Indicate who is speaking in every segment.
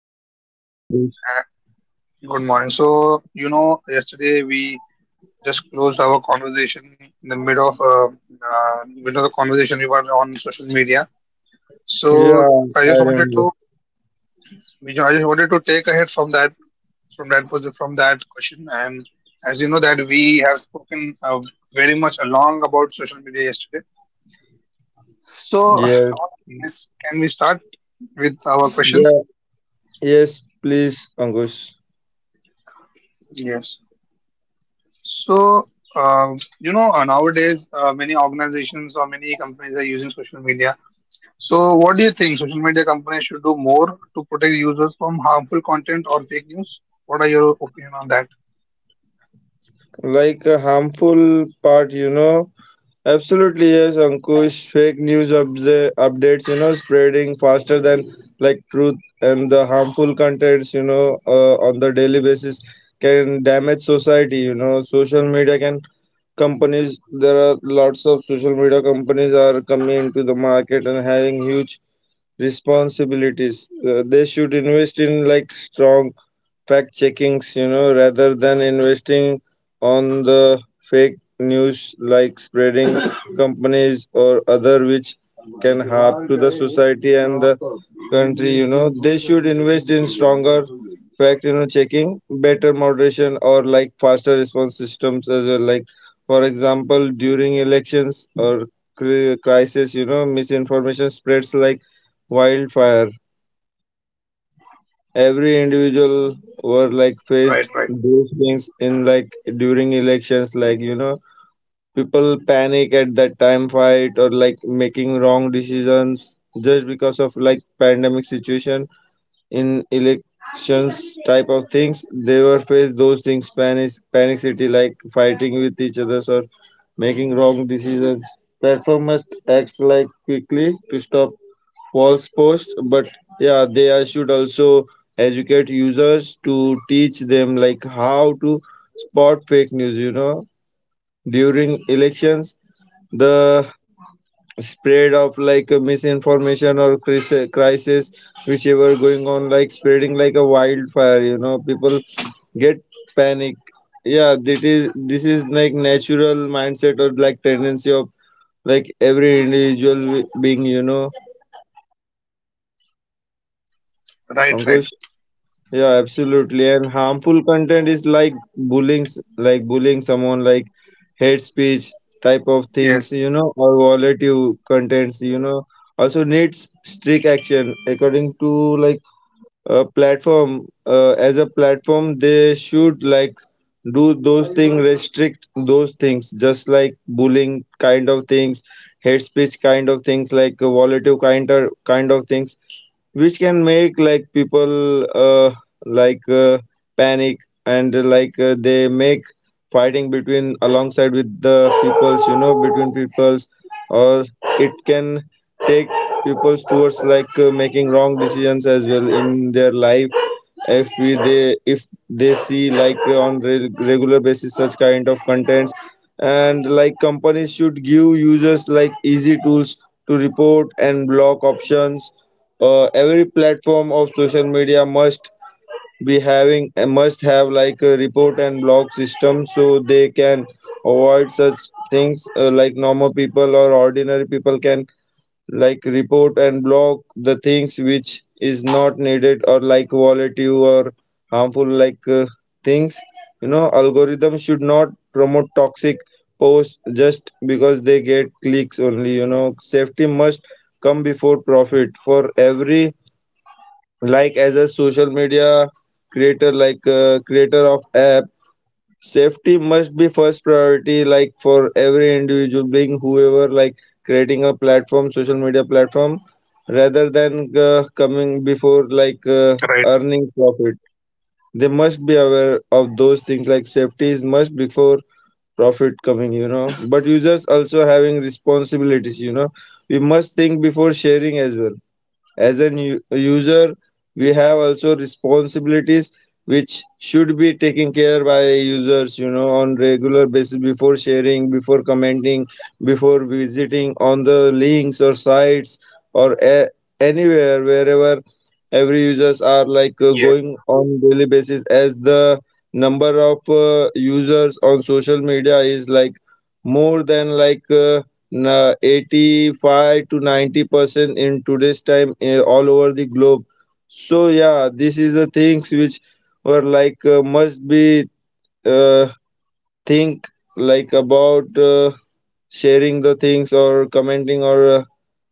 Speaker 1: Yeah, good morning,
Speaker 2: So,
Speaker 1: Ankush.
Speaker 2: uh, good morning. So, yesterday we just closed our conversation in the mid of the conversation we were on social media. So,
Speaker 1: Yeah,
Speaker 2: I
Speaker 1: I
Speaker 2: just wanted
Speaker 1: remember.
Speaker 2: to, you know, I just wanted to take ahead from that question. And as you know, that we have spoken very much along about social media yesterday. So, what
Speaker 1: Yes.
Speaker 2: do you think? Let's can we start with our
Speaker 1: Yeah,
Speaker 2: questions?
Speaker 1: yes, please, Ankush.
Speaker 2: Yes. So, uh, nowadays many organizations or many companies are using social media. So, what do you think social media companies should do more to protect users from harmful content or fake news? What are your opinion on that?
Speaker 1: Like a harmful part, you know. Absolutely, yes, Ankush. Fake news updates, you know, spreading faster than like truth, and the harmful contents, you know, on the daily basis can damage society. You know, social media can companies. There are lots of social media companies are coming into the market and having huge responsibilities. They should invest in like strong fact checkings, you know, rather than investing on the fake news like spreading companies or other which can harm to the society and the country, you know. They should invest in stronger fact, you know, checking, better moderation or like faster response systems as well. Like for example, during elections or crisis, you know, misinformation spreads like wildfire. Every individual were like faced
Speaker 2: Right, right,
Speaker 1: those things in like during elections, like you know, people panic at that time, fight or like making wrong decisions, just because of like pandemic situation in elections type of things. They were faced those things, panic panic city, like fighting with each other or making wrong decisions. Platform must act like quickly to stop false posts. But yeah, they are- should also educate users to teach them like how to spot fake news, you know. During elections, the spread of like a misinformation or crisis, whichever going on, like spreading like a wildfire, you know, people get panic. Yeah, that is. This is like natural mindset or like tendency of like every individual being, you know,
Speaker 2: right, right.
Speaker 1: Ankush. Yeah, absolutely. And harmful content is like bullying, s- like bullying someone, like hate speech type of things,
Speaker 2: Yes,
Speaker 1: you know, or volatile contents, you know, also needs strict action according to like a platform. As a platform, they should like do those things, restrict those things, just like bullying kind of things, hate speech kind of things, like volatile kind of things which can make like people like panic, and like they make fighting between alongside with the peoples, you know, between peoples, or it can take peoples towards like making wrong decisions as well in their life if we they if they see like on regular basis such kind of contents. And like companies should give users like easy tools to report and block options. Uh, every platform of social media must be having must have like a report and blog system, so they can avoid such things. Like normal people or ordinary people can like report and block the things which is not needed or like volatile or harmful like things, you know. Algorithm should not promote toxic posts just because they get clicks only, you know. Safety must come before profit for every like as a social media creator, like creator of app. Safety must be first priority like for every individual being whoever like creating a platform, social media platform, rather than coming before like
Speaker 2: right.
Speaker 1: earning profit. They must be aware of those things like safety is must before profit coming, you know. But users also having responsibilities, you know. We must think before sharing as well. As a user, we have also responsibilities which should be taken care by users, you know, on regular basis before sharing, before commenting, before visiting on the links or sites or anywhere wherever every users are like
Speaker 2: Yes,
Speaker 1: going on daily basis. As the number of users on social media is like more than like na- 85 to 90% in today's time, eh, all over the globe. So yeah, this is the things which were like must be uh, think like about sharing the things or commenting or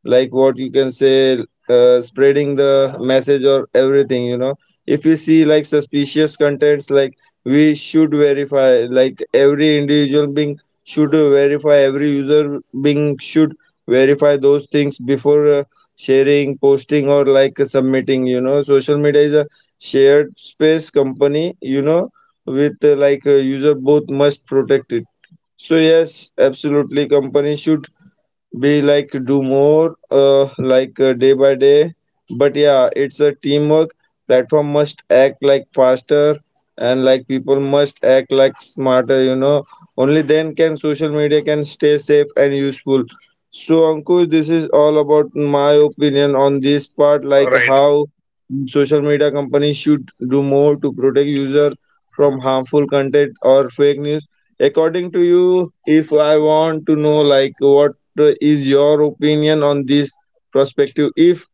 Speaker 1: like what you can say, spreading the message or everything, you know. If you see like suspicious contents, like we should verify, like every individual being should verify, every user being should verify those things before sharing, posting or like submitting, you know. Social media is a shared space company, you know, with like a user. Both must protect it. So yes, absolutely. Companies should we like do more like day by day. But yeah, it's a teamwork. Platform must act like faster, and like people must act like smarter, you know. Only then can social media can stay safe and useful. So Ankush, this is all about my opinion on this part, like
Speaker 2: right.
Speaker 1: how social media companies should do more to protect user from harmful content or fake news. According to you, if I want to know like what is your opinion on this perspective? If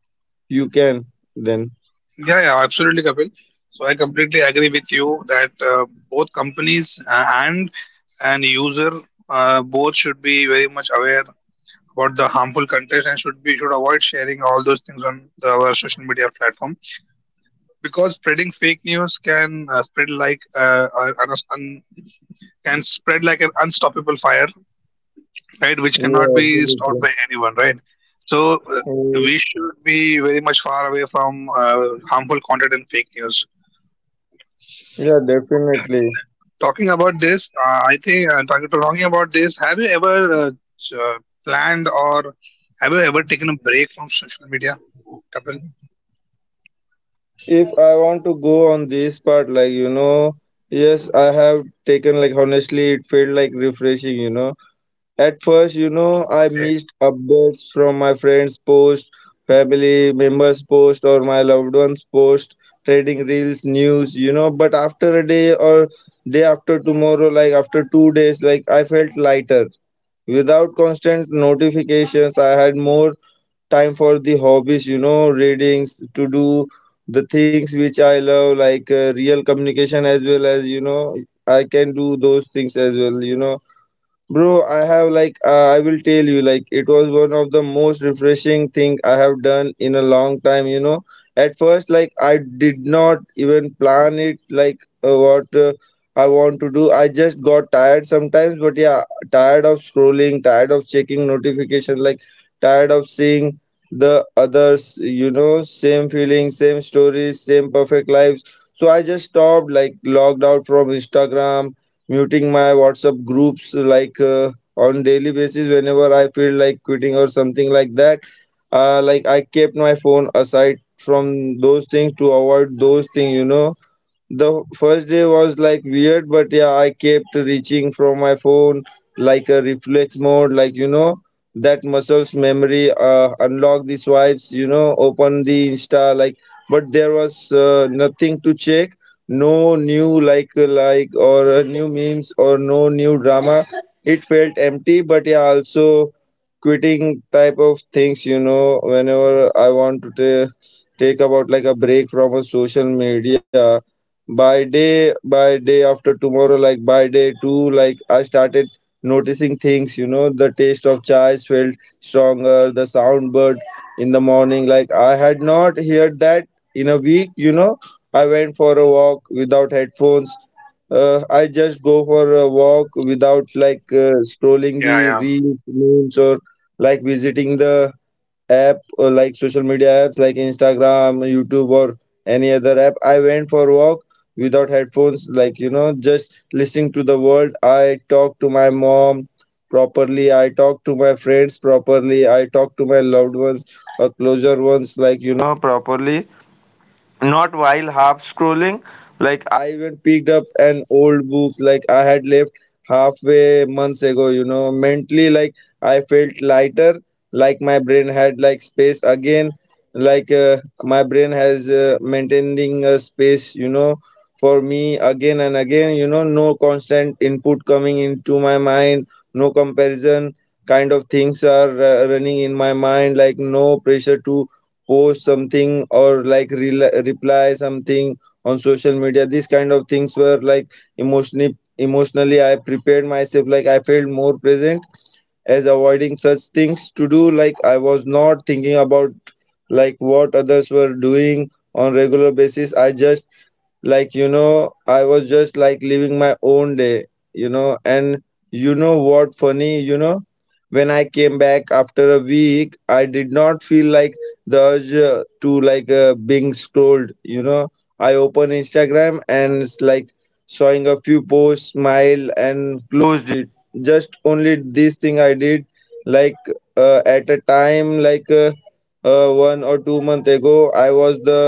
Speaker 1: you can, then.
Speaker 2: Yeah, yeah, absolutely, Kapil. So, I completely agree with you that both companies and user both should be very much aware about the harmful content and should we should avoid sharing all those things on our social media platform, because spreading fake news can spread like un, un- can spread like an unstoppable fire, right? Which
Speaker 1: Yeah,
Speaker 2: cannot be stopped
Speaker 1: absolutely.
Speaker 2: by anyone, right? So,
Speaker 1: Yes.
Speaker 2: we should be very much far away from harmful content and fake news.
Speaker 1: Yeah,
Speaker 2: So t-
Speaker 1: definitely.
Speaker 2: talking about this, I think, talking about this, have you ever uh, uh, planned or have you ever taken a break from social media, Kapil?
Speaker 1: If I want to go on this part, like, you know, yes, I have taken, like, honestly, it felt like refreshing, you know. At first, you know, I
Speaker 2: Okay.
Speaker 1: missed updates from my friends' post, family members' post, or my loved ones' post, trading reels, news, you know. But after a day or day after tomorrow, like after 2 days, like I felt lighter. Without constant notifications, I had more time for the hobbies, you know, readings, to do the things which I love, like real communication as well as, you know, I can do those things as well, you know. Bro, I have like I will tell you, like it was one of the most refreshing thing I have done in a long time, you know. At first, like I did not even plan it like what I want to do. I just got tired sometimes, but yeah, tired of scrolling, tired of checking notification, like tired of seeing the others, you know, same feelings, same stories, same perfect lives. So I just stopped like logged out from Instagram, muting my WhatsApp groups like on daily basis whenever I feel like quitting or something like that. Like I kept my phone aside from those things to avoid those things, you know. The first day was like weird, but yeah, I kept reaching from my phone like a reflex mode, like you know, that muscles memory, unlock the swipes, you know, open the Insta, like, but there was nothing to check, no new like, or new memes, or no new drama. It felt empty, but yeah, also quitting type of things, you know, whenever I want to ta- take about like a break from a social media, by day after tomorrow, like by day two, like I started noticing things, you know. The taste of chai felt stronger, the sound bird in the morning, like I had not heard that in a week, you know. I went for a walk without headphones. I just go for a walk without like scrolling
Speaker 2: Yeah,
Speaker 1: the
Speaker 2: yeah.
Speaker 1: reels, memes, or like visiting the app, like social media apps like Instagram, YouTube, or any other app. I went for walk without headphones, like you know, just listening to the world. I talk to my mom properly. I talk to my friends properly. I talk to my loved ones or closer ones, like you know, properly, not while half scrolling. Like I even picked up an old book like I had left halfway months ago, you know. Mentally, like I felt lighter, like my brain had like space again, like my brain has maintaining a space, you know, for me again and again, you know. No constant input coming into my mind, no comparison kind of things are running in my mind, like no pressure to post something or like rel reply something on social media. These kind of things were like emotionally, emotionally I prepared myself, like I felt more present as avoiding such things to do. Like I was not thinking about like what others were doing on regular basis. I just like, you know, I was just like living my own day, you know. And you know what funny, you know, when I came back after a week, I did not feel like the urge to like being scrolled, you know. I open Instagram and it's like showing a few posts, smile and closed it. Just only this thing I did, like at a time like 1 or 2 month ago, I was the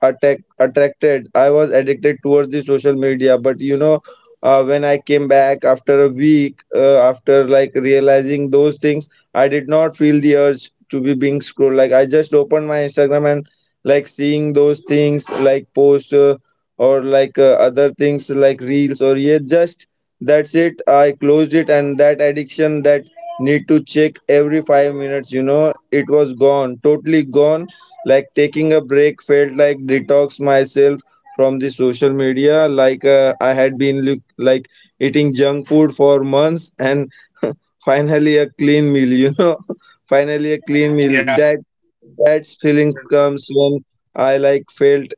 Speaker 1: attack attracted, I was addicted towards the social media. But you know, when I came back after a week, after like realizing those things, I did not feel the urge to be being scrolled. Like I just opened my Instagram, and like seeing those things like posts, or like other things like reels, or yeah, just that's it, I closed it. And that addiction, that need to check every 5 minutes, you know, it was gone, totally gone. Like taking a break felt like detox myself from the social media. Like I had been like eating junk food for months, and finally a clean meal. You know, finally a clean meal.
Speaker 2: Yeah,
Speaker 1: That
Speaker 2: yeah.
Speaker 1: that feeling
Speaker 2: Absolutely.
Speaker 1: comes when I like felt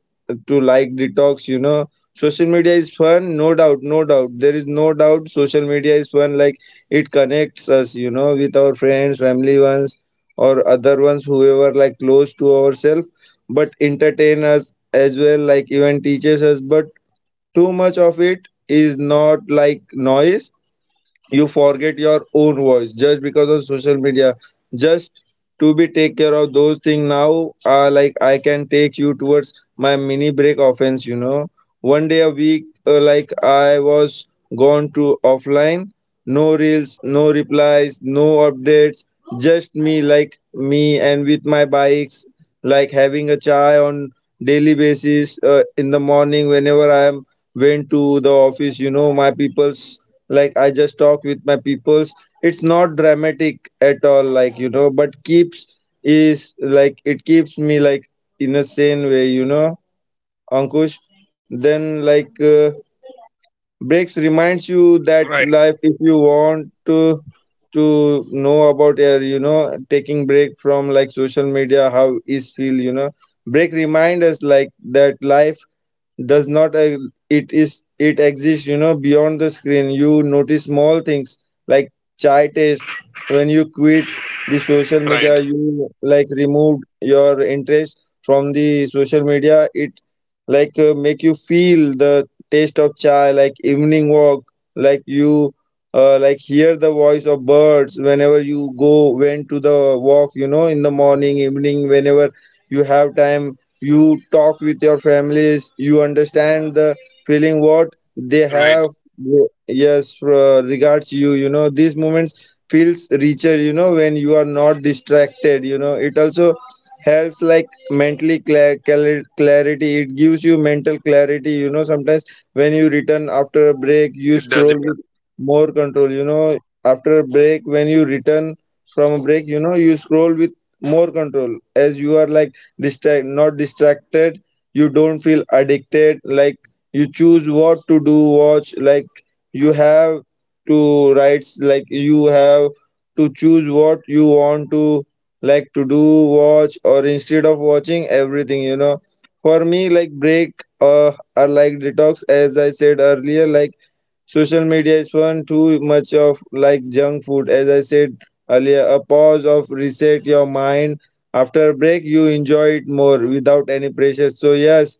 Speaker 1: to like detox, you know. Social media is fun, no doubt, no doubt. There is no doubt social media is fun, like it connects us, you know, with our friends, family ones, or other ones whoever like close to ourselves but entertain us as well, like even teaches us, but too much of it is not like noise. You forget your own voice just because of social media. Just to be take care of those things now, like I can take you towards my mini break offense, you know. One day a week, like I was gone to offline. No reels, no replies, no updates. Just me, like me and with my bikes, like having a chai on daily basis, in the morning whenever I am went to the office, you know, my people's, like I just talk with my peoples. It's not dramatic at all, like you know, but keeps is like it keeps me like in a sane way, you know. Ankush, then like breaks reminds you that
Speaker 2: Right,
Speaker 1: life, if you want to know about your, you know, taking break from like social media, how is feel, you know. Break remind us like that life does not it is it exists, you know, beyond the screen. You notice small things, like chai taste. When you quit the social
Speaker 2: right,
Speaker 1: media, you like removed your interest from the social media, it like make you feel the taste of chai, like evening walk, like you like hear the voice of birds whenever you go went to the walk, you know, in the morning evening whenever you have time. You talk with your families, you understand the feeling what they
Speaker 2: right.
Speaker 1: have. Yes, regards you, you know, these moments feels richer, you know, when you are not distracted, you know. It also helps like mentally clarity. It gives you mental clarity, you know. Sometimes when you return after a break, you
Speaker 2: It does,
Speaker 1: scroll
Speaker 2: it
Speaker 1: with
Speaker 2: does.
Speaker 1: more control, you know. After a break, when you return from a break, you know, you scroll with more control, as you are like distract not distracted. You don't feel addicted, like you choose what to do watch, like you have to write, like you have to choose what you want to like to do watch, or instead of watching everything, you know. For me, like break or like detox, as I said earlier, like social media is one too much of like junk food. As I said earlier, a pause of reset your mind. After a break, you enjoy it more without any pressure. So yes,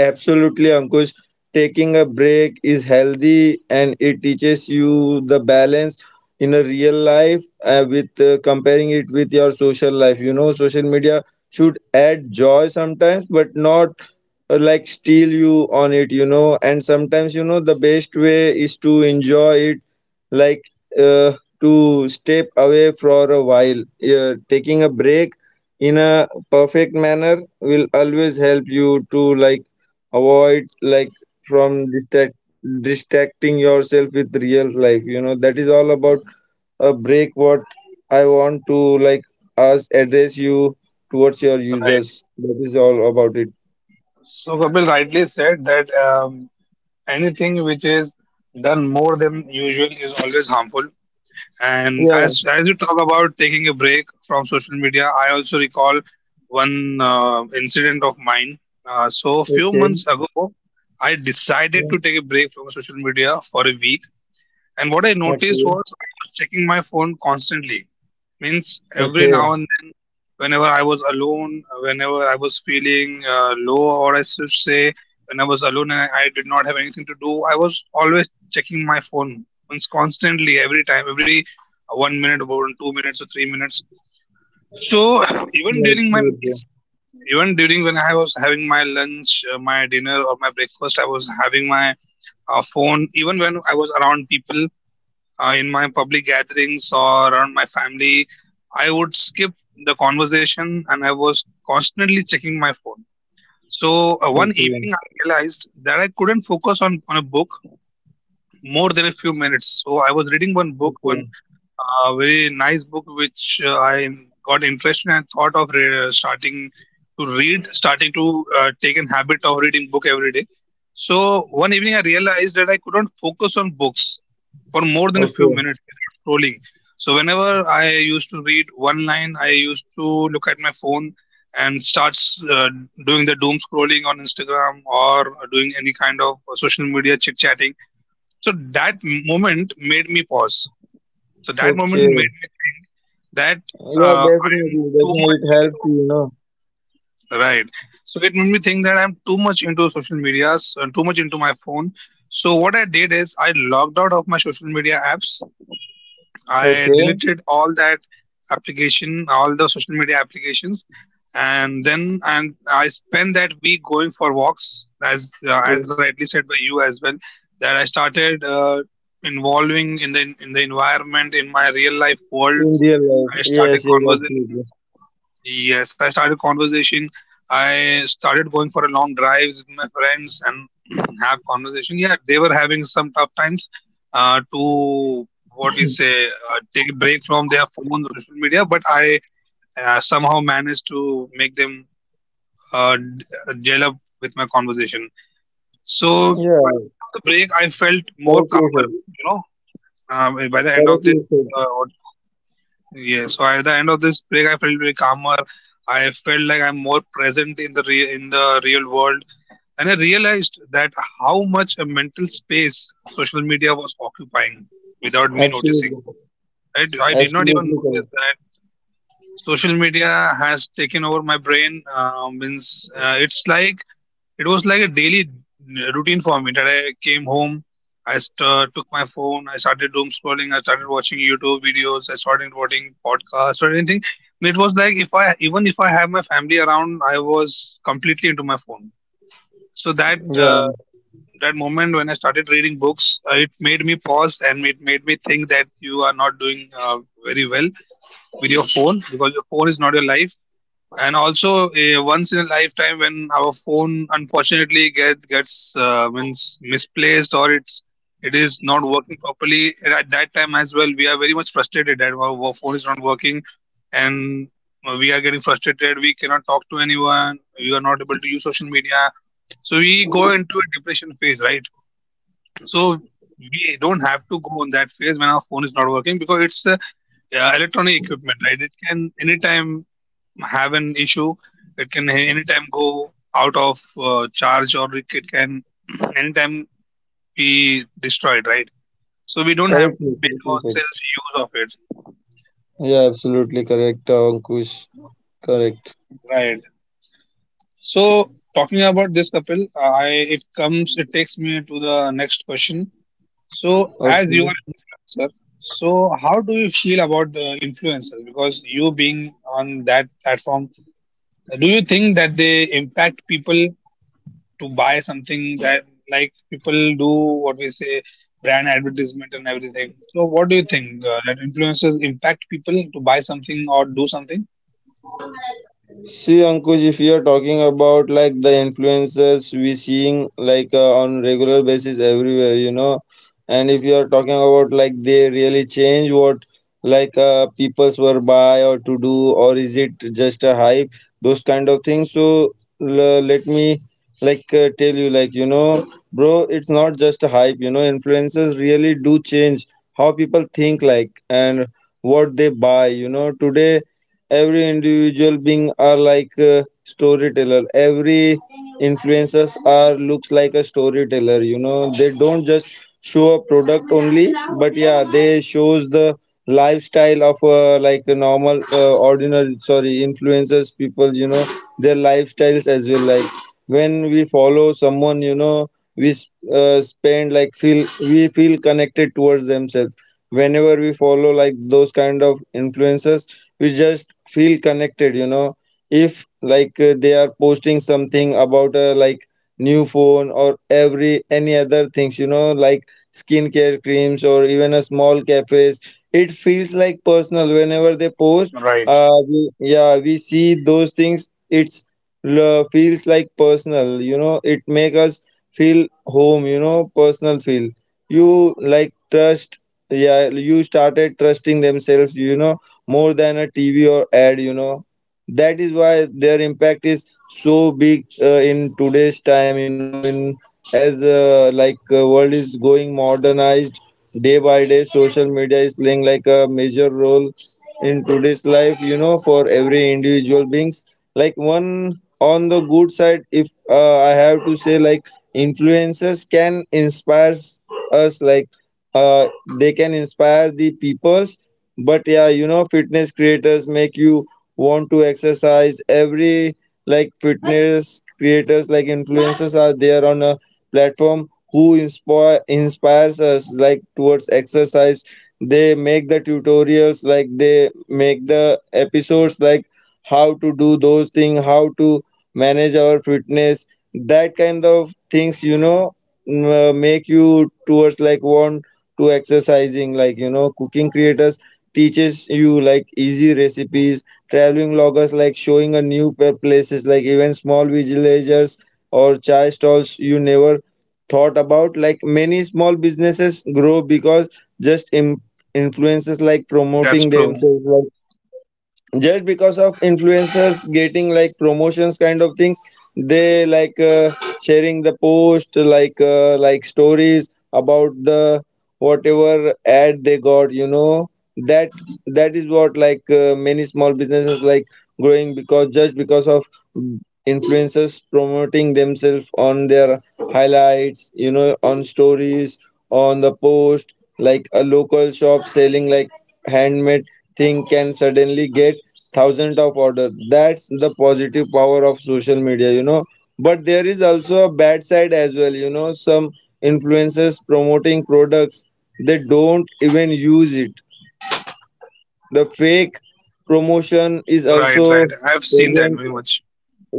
Speaker 1: absolutely, Ankush. Taking a break is healthy and it teaches you the balance in a real life with comparing it with your social life. You know, social media should add joy sometimes, but not like steal you on it, you know. And sometimes, you know, the best way is to enjoy it, like uh, to step away for a while. Taking a break in a perfect manner will always help you to like avoid like from distract, distracting yourself with real life, you know. That is all about a break what I want to like us address you towards your
Speaker 2: Right.
Speaker 1: users. That is all about it.
Speaker 2: So Kapil rightly said that anything which is done more than usual is always harmful. And
Speaker 1: Yeah.
Speaker 2: as you talk about taking a break from social media, I also recall one incident of mine. So a few
Speaker 1: Okay.
Speaker 2: months ago, I decided
Speaker 1: Yeah,
Speaker 2: to take a break from social media for a week. And what I noticed
Speaker 1: okay.
Speaker 2: was I was checking my phone constantly. Means every
Speaker 1: Okay.
Speaker 2: now and then, whenever I was alone, whenever I was feeling low, or I should say, when I was alone and I did not have anything to do, I was always checking my phone, means constantly, every time, every 1 minute, about 2 minutes, or 3 minutes. So even
Speaker 1: Yeah,
Speaker 2: during my
Speaker 1: absolutely.
Speaker 2: meals, even during when I was having my lunch, my dinner, or my breakfast, I was having my phone. Even when I was around people, in my public gatherings or around my family, I would skip the conversation and I was constantly checking my phone. So one
Speaker 1: Okay. Yeah.
Speaker 2: evening, I realized that I couldn't focus on a book more than a few minutes. So I was reading one book,
Speaker 1: Okay.
Speaker 2: one very nice book, which I got interested and thought of starting to take an habit of reading book every day. So one evening I realized that I couldn't focus on books for more than a few
Speaker 1: Okay.
Speaker 2: minutes without scrolling. So whenever I used to read one line, I used to look at my phone and starts doing the doom scrolling on Instagram or doing any kind of social media chit chatting, so that moment made me pause. So that moment
Speaker 1: Okay.
Speaker 2: made me think that
Speaker 1: Yeah,
Speaker 2: I am
Speaker 1: definitely,
Speaker 2: too
Speaker 1: definitely,
Speaker 2: much
Speaker 1: it helps you,
Speaker 2: into.
Speaker 1: you know.
Speaker 2: Right. So it made me think that I'm too much into social medias, too much into my phone. So what I did is I logged out of my social media apps. I
Speaker 1: Okay.
Speaker 2: deleted all that application, all the social media applications, and then and I spent that week going for walks, as as rightly said by you as well, that I started involving in the environment in my real life world.
Speaker 1: In real life,
Speaker 2: I
Speaker 1: yes,
Speaker 2: started
Speaker 1: yes, absolutely.
Speaker 2: conversation. Yes, I started conversation. I started going for a long drives with my friends and have conversation. Yeah, they were having some tough times to what we say take a break from their phones, social media. But I somehow managed to make them gel up with my conversation. So by the
Speaker 1: Yeah,
Speaker 2: end of the break, I felt more
Speaker 1: correctly
Speaker 2: calmer.
Speaker 1: said.
Speaker 2: You know, by the end of
Speaker 1: Correctly
Speaker 2: this,
Speaker 1: said.
Speaker 2: what yeah, so at the end of this break, I felt very calmer. I felt like I'm more present in the real world, and I realized that how much a mental space social media was occupying without me
Speaker 1: Absolutely,
Speaker 2: noticing. I did not even
Speaker 1: absolutely
Speaker 2: notice
Speaker 1: correct.
Speaker 2: that social media has taken over my brain. Means it was like a daily routine for me, that I came home, I took my phone, I started doom scrolling, I started watching YouTube videos, I started watching podcasts or anything. It was like, if I even if I have my family around, I was completely into my phone. So that
Speaker 1: Yeah,
Speaker 2: uh, that moment when I started reading books, it made me pause and it made me think that you are not doing very well with your phone, because your phone is not your life. And also, a once in a lifetime, when our phone unfortunately gets means misplaced, or it is not working properly. And at that time as well, we are very much frustrated that our phone is not working, and we are getting frustrated, we cannot talk to anyone, we are not able to use social media, so we go into a depression phase, right? So we don't have to go on that phase when our phone is not working, because it's a electronic equipment, right? It can anytime have an issue. It can anytime go out of charge, or it can anytime be destroyed, right? So we don't have to
Speaker 1: correctly,
Speaker 2: make
Speaker 1: correctly said.
Speaker 2: ourselves use of it,
Speaker 1: Yeah, absolutely correct, Ankush. Correct.
Speaker 2: right? So talking about this, Kapil, I it comes it takes me to the next question. So as you
Speaker 1: Okay.
Speaker 2: are an influencer, so how do you feel about the influencers? Because you being on that platform, do you think that they impact people to buy something that like people do what we say brand advertisement and everything. So what do you think that influencers impact people to buy something or do something?
Speaker 1: See, Ankush, if you are talking about like the influencers we seeing like on regular basis everywhere, you know, and if you are talking about like they really change what, like peoples were buy or to do, or is it just a hype, those kind of things. So let me like tell you, like you know, bro, it's not just a hype. You know, influencers really do change how people think, like, and what they buy. You know, today every individual being are like a storyteller. Every influencers are looks like a storyteller, you know. They don't just show a product only, but yeah, they shows the lifestyle of like a normal ordinary sorry influencers people, you know, their lifestyles as well. Like when we follow someone, you know, spend like feel we feel connected towards themselves whenever we follow like those kind of influencers. We just feel connected, you know. If like they are posting something about like new phone or every any other things, you know, like skincare creams or even a small cafes, it feels like personal whenever they post.
Speaker 2: Right.
Speaker 1: We, yeah, we see those things, it's feels like personal, you know. It make us feel home, you know, personal feel. You like trust. Yeah, you started trusting themselves, you know, more than a TV or ad, you know. That is why their impact is so big in today's time, you know, in as like world is going modernized day by day, social media is playing like a major role in today's life, you know, for every individual beings. Like one, on the good side, if I have to say, like influencers can inspire us, like uh, they can inspire the people, but yeah, you know, fitness creators make you want to exercise every, like fitness creators like influencers are there on a platform who inspire inspires us like towards exercise. They make the tutorials, like they make the episodes like how to do those things, how to manage our fitness, that kind of things, you know, make you towards like want to exercising, like you know, cooking creators teaches you like easy recipes. Traveling loggers like showing a new places like even small villagers or chai stalls you never thought about. Like many small businesses grow because just influences like
Speaker 2: That's
Speaker 1: promoting
Speaker 2: true.
Speaker 1: themselves. Like, just because of influencers getting like promotions kind of things, they like sharing the post like stories about the whatever ad they got, you know. That that is what, like many small businesses like growing because just because of influencers promoting themselves on their highlights, you know, on stories, on the post. Like a local shop selling like handmade thing can suddenly get thousands of order. That's the positive power of social media, you know. But there is also a bad side as well, you know. Some influencers promoting products they don't even use it. The fake promotion is
Speaker 2: Right,
Speaker 1: also
Speaker 2: right. I've seen that
Speaker 1: present.
Speaker 2: very much.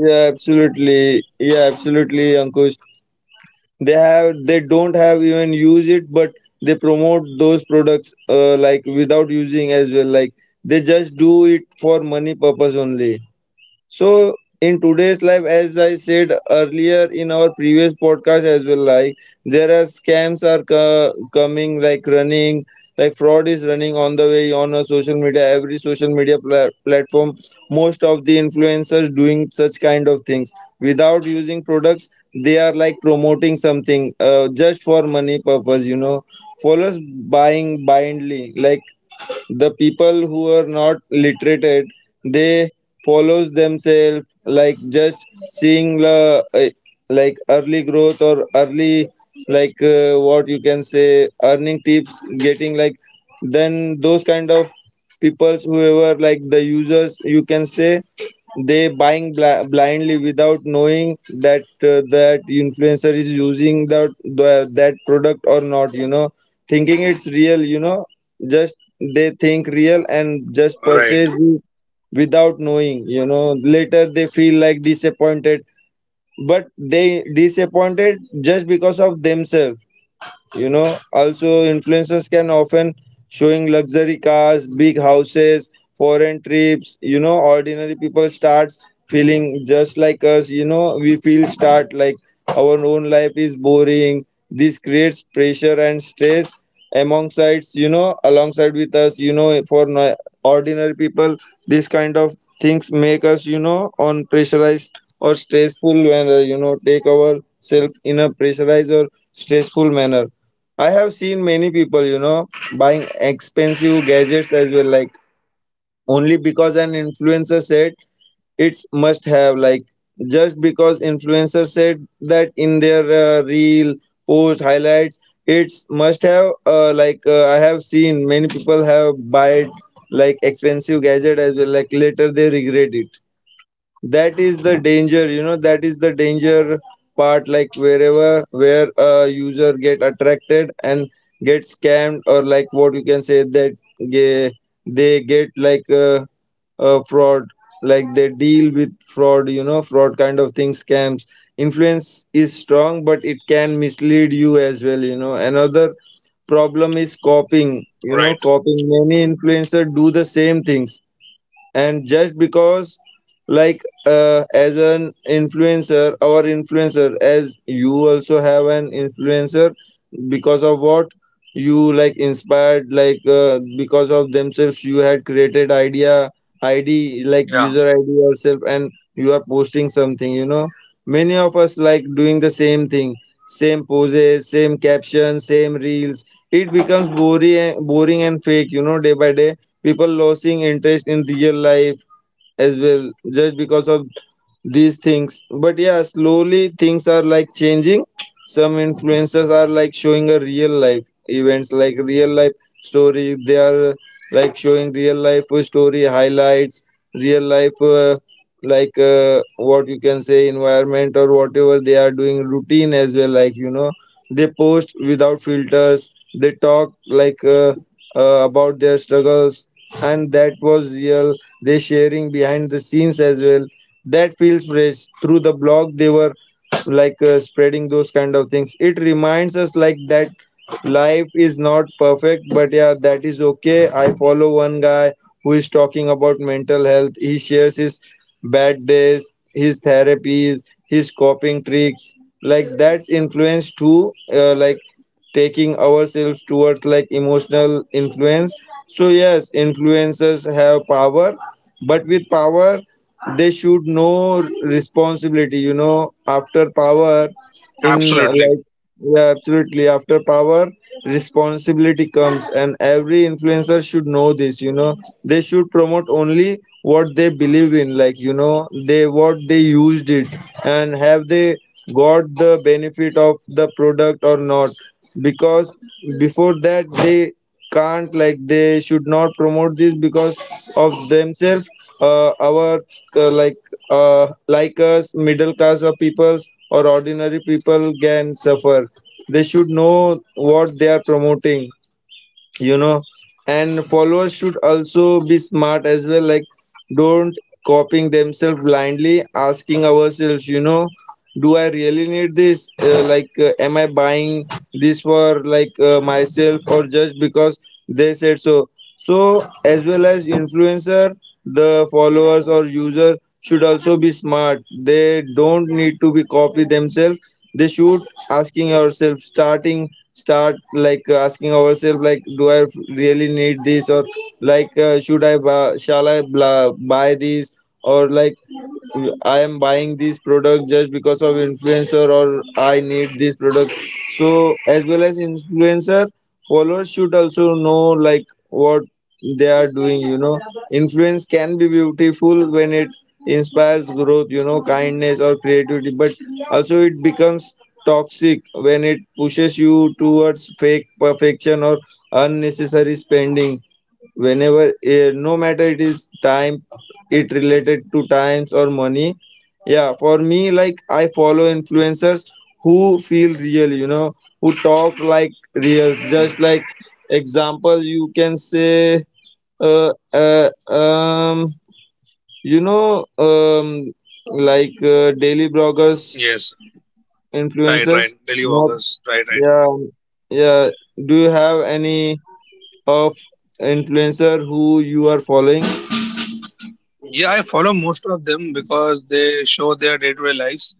Speaker 1: Yeah, absolutely. Yeah, absolutely, Ankush. They have, they don't have even use it, but they promote those products, like without using as well, like they just do it for money purpose only. So in today's life, as I said earlier in our previous podcast as well, like there are scams are coming, like running, like fraud is running on the way on a social media, every social media platform. Most of the influencers doing such kind of things without using products. They are like promoting something just for money purpose, you know. Followers buying blindly, like the people who are not literated, they follows themselves like just seeing the like early growth or early like what you can say earning tips getting like, then those kind of peoples whoever like the users you can say, they buying blindly without knowing that that influencer is using that the, that product or not, you know, thinking it's real, you know. Just they think real and just
Speaker 2: Right,
Speaker 1: purchase it without knowing, you know. Later they feel like disappointed, but they disappointed just because of themselves, you know. Also influencers can often showing luxury cars, big houses, foreign trips, you know. Ordinary people starts feeling just like us, you know, we feel start like our own life is boring. This creates pressure and stress alongside, you know, alongside with us, you know, for ordinary people. This kind of things make us, you know, on pressurized or stressful, when you know, take ourselves in a pressurized or stressful manner. I have seen many people, you know, buying expensive gadgets as well, like only because an influencer said it's must have, like just because influencer said that in their reel post highlights, it's must have. I have seen many people have bought like expensive gadget as well, like later they regret it. That is the danger, you know, that is the danger part, like wherever where a user get attracted and get scammed, or like what you can say that they get like a fraud, like they deal with fraud, you know, fraud kind of thing, scams. Influence is strong, but it can mislead you as well, you know. Another problem is copying, you know,
Speaker 2: right.
Speaker 1: copying. Many influencers do the same things. And just because, like as an influencer, our influencer, as you also have an influencer, because of what you like inspired, like because of themselves you had created idea id like
Speaker 2: Yeah,
Speaker 1: user id yourself and you are posting something, you know. Many of us like doing the same thing, same poses, same captions, same reels. It becomes boring and fake, you know, day by day. People losing interest in real life as well, just because of these things. But yeah, slowly things are like changing. Some influencers are like showing a real life events, like real life story. They are like showing real life story highlights, real life like what you can say, environment or whatever they are doing, routine as well, like you know, they post without filters. They talk like about their struggles, and that was real. They sharing behind the scenes as well. That feels fresh. Through the blog they were like spreading those kind of things. It reminds us like that life is not perfect, but yeah, that is okay. I follow one guy who is talking about mental health. He shares his bad days, his therapies, his coping tricks. Like, that's influence too, like taking ourselves towards like emotional influence. So yes, influencers have power, but with power they should know responsibility, you know. After power, in
Speaker 2: absolutely.
Speaker 1: like, yeah, absolutely, after power responsibility comes, and every influencer should know this, you know. They should promote only what they believe in, like, you know, they what they used it, and have they got the benefit of the product or not. Because before that they can't, like, they should not promote this because of themselves. Our uh, like like us middle class of peoples or ordinary people can suffer. They should know what they are promoting, you know. And followers should also be smart as well, like don't copying themselves blindly, asking ourselves, you know, do I really need this, like, am I buying this for like myself, or just because they said so. So, as well as influencer, the followers or user should also be smart. They don't need to be copy themselves. They should asking ourselves, start like asking ourselves, like, do I really need this, or like, should I bu- shall I bla- buy this, or like. I am buying this product just because of influencer, or I need this product. So as well as influencer, followers should also know like what they are doing, you know. Influence can be beautiful when it inspires growth, you know, kindness or creativity, but also it becomes toxic when it pushes you towards fake perfection or unnecessary spending, whenever no matter it is time, it related to times or money. Yeah, for me, like I follow influencers who feel real, you know, who talk like real. Just like example, you can say, uh, uh um you know, like daily bloggers,
Speaker 2: Yes. Right,
Speaker 1: influencers.
Speaker 2: right. Daily
Speaker 1: Not,
Speaker 2: vloggers. Right, right.
Speaker 1: yeah, yeah, do you have any of influencer who you are following?
Speaker 2: Yeah, I follow most of them because they show their day-to-day lives.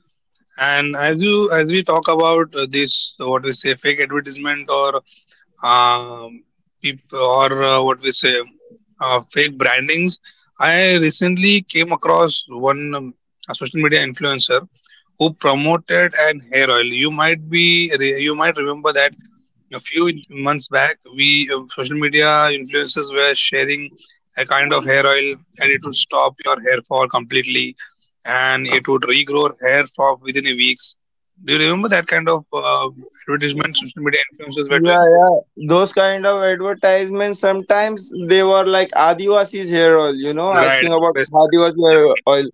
Speaker 2: And as we talk about this, what we say, fake advertisement, or um, what we say fake brandings. I recently came across one a social media influencer who promoted an hair oil. You might remember that a few months back, we social media influencers were sharing a kind of hair oil, and it would stop your hair fall completely, and it would regrow hair for within a weeks. Do you remember that kind of advertisement social media influencers were
Speaker 1: Yeah,
Speaker 2: doing?
Speaker 1: yeah. Those kind of advertisements, sometimes they were like Adivasi's hair oil, you know,
Speaker 2: Right,
Speaker 1: asking about
Speaker 2: IDBS was,
Speaker 1: Adivasi
Speaker 2: yeah,
Speaker 1: hair
Speaker 2: right.
Speaker 1: oil.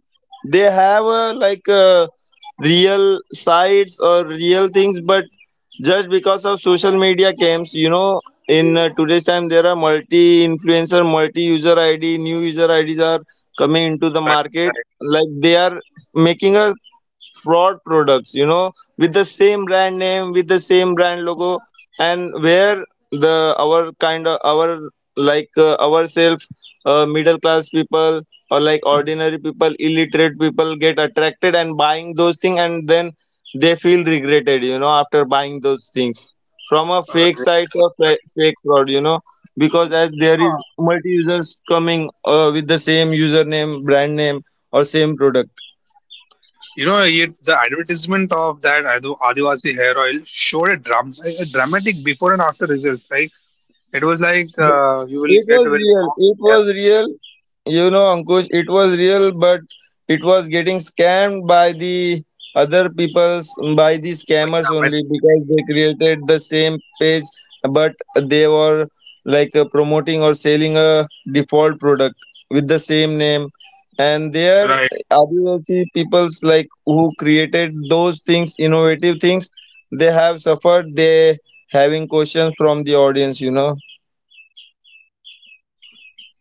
Speaker 1: They have
Speaker 2: Yeah,
Speaker 1: like real sites or real things, but just because of social media games, you know, in today's time there are multi-influencer, multi-user ID, new user IDs are coming into the
Speaker 2: right,
Speaker 1: market.
Speaker 2: right,
Speaker 1: Like they are making a fraud products, you know, with the same brand name, with the same brand logo. And where the our kind of our like ourselves, middle class people or like ordinary people, illiterate people, get attracted and buying those things, and then they feel regretted, you know, after buying those things from a fake
Speaker 2: right,
Speaker 1: sites or
Speaker 2: right, right.
Speaker 1: fake fraud, you know. Because as
Speaker 2: You
Speaker 1: there is
Speaker 2: know, uh,
Speaker 1: multi users coming with the same username, brand name or same product.
Speaker 2: the advertisement of that Adivasi hair oil showed a dramatic before and after results. Right, it was like you will
Speaker 1: It
Speaker 2: get
Speaker 1: was
Speaker 2: a very
Speaker 1: real.
Speaker 2: long
Speaker 1: It
Speaker 2: hair.
Speaker 1: was real. You know, Ankush, it
Speaker 2: Yes,
Speaker 1: was real, but it was getting scammed by the other people's, by the
Speaker 2: but
Speaker 1: scammers,
Speaker 2: yeah, by
Speaker 1: only
Speaker 2: fake
Speaker 1: because
Speaker 2: products.
Speaker 1: they created the same page, but they were like promoting or selling a default product with the same name. And there,
Speaker 2: Right, right.
Speaker 1: Adivasi peoples like who created those things, innovative things, they have suffered. They having questions from the audience, you know.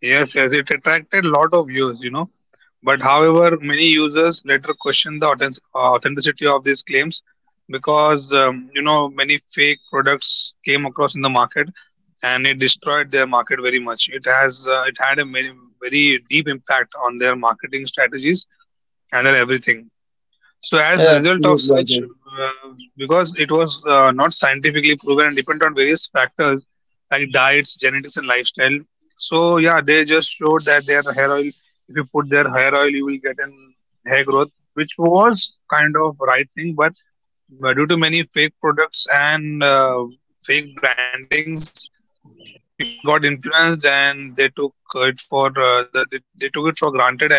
Speaker 2: Yes, yes, it attracted a lot of views. But however, many users later questioned the authenticity of these claims, because many fake products came across in the market, and it destroyed their market very much. It had a very, very deep impact on their marketing strategies and their everything. So, as the
Speaker 1: Yeah,
Speaker 2: result of
Speaker 1: absolutely,
Speaker 2: such,
Speaker 1: Ankush.
Speaker 2: because it was not scientifically proven and depend on various factors like diets, genetics, and lifestyle. So, yeah, they just showed that their hair oil, if you put their hair oil, you will get an hair growth, which was kind of right thing. But due to many fake products and fake brandings, people got influenced, and they took it for granted, and the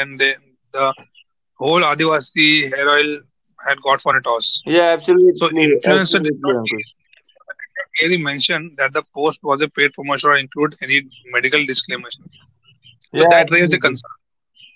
Speaker 2: whole Adivasi hair oil had got for a toss. So
Speaker 1: Yeah, absolutely,
Speaker 2: influencer did not clear, the
Speaker 1: absolutely,
Speaker 2: influencer
Speaker 1: Ankush.
Speaker 2: did not clearly mention that the post was a paid promotion or include any medical disclaimer. So that raised
Speaker 1: Yeah,
Speaker 2: a concern.
Speaker 1: absolutely.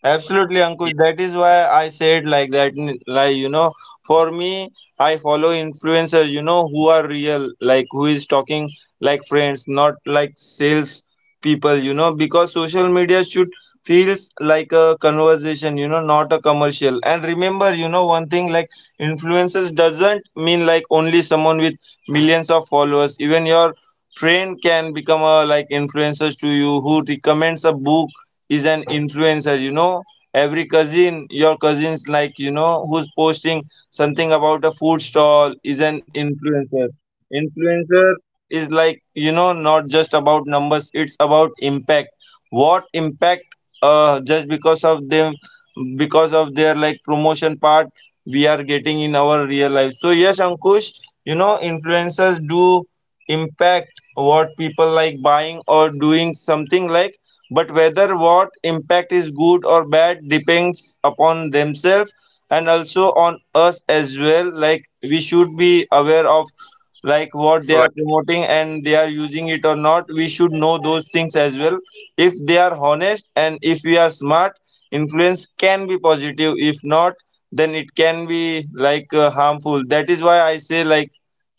Speaker 1: Absolutely,
Speaker 2: Yes,
Speaker 1: Ankush. That is why I said like that. Like, you know, for me, I follow influencers, you know, who are real, like who is talking like friends, not like sales people, you know, because social media should feels like a conversation, you know, not a commercial. And remember, you know, one thing, like influencers doesn't mean like only someone with millions of followers. Even your friend can become a like influencers to you who recommends a book is an influencer, you know. Every cousin, your cousins, like, you know, who's posting something about a food stall is an influencer. Influencer is like, you know, not just about numbers, it's about impact. What impact, just because of them, because of their like promotion part, we are getting in our real life. So yes, Ankush, you know, influencers do impact what people like buying or doing something, like, but whether what impact is good or bad depends upon themselves, and also on us as well. Like we should be aware of like what they are
Speaker 2: right.
Speaker 1: promoting and they are using it or not. We should know those things as well. If they are honest and if we are smart, influence can be positive. If not, then it can be like harmful. That is why I say, like,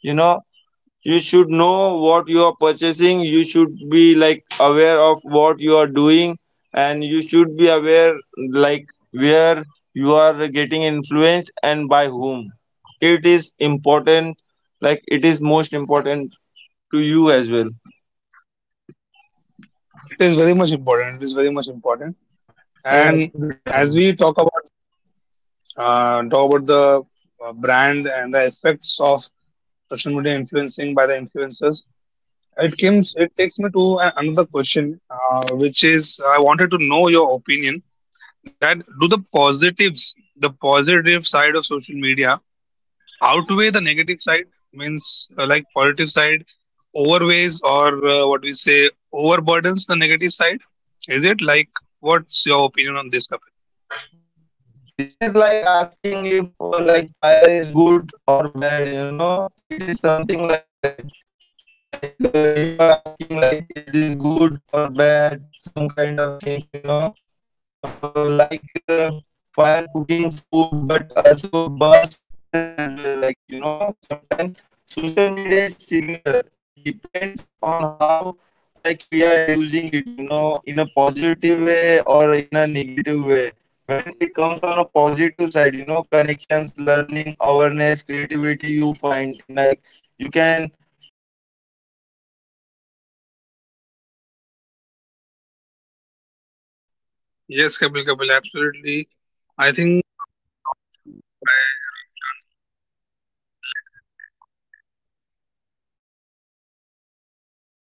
Speaker 1: you know, you should know what you are purchasing, you should be like aware of what you are doing, and you should be aware like where you are getting influenced and by whom. It is important, like it is most important to you as well.
Speaker 2: It is very much important. It is very much important.
Speaker 1: Yeah,
Speaker 2: And
Speaker 1: absolutely,
Speaker 2: as
Speaker 1: Ankush.
Speaker 2: we talk about the brand and the effects of social media influencing by the influencers. It comes. It takes me to another question, which is I wanted to know your opinion that do the positive side of social media outweigh the negative side, means like positive side overweighs, or what we say overburdens the negative side. Is it like, what's your opinion on this, Kapil?
Speaker 1: This is like asking if like fire is good or bad, you know, it is something like that. Like you are asking like is this good or bad, some kind of things, you know. Like fire cooking food, but also
Speaker 2: Yes, Kapil, Kapil, absolutely. I think we lost you by a wrong chance. Let me check once again.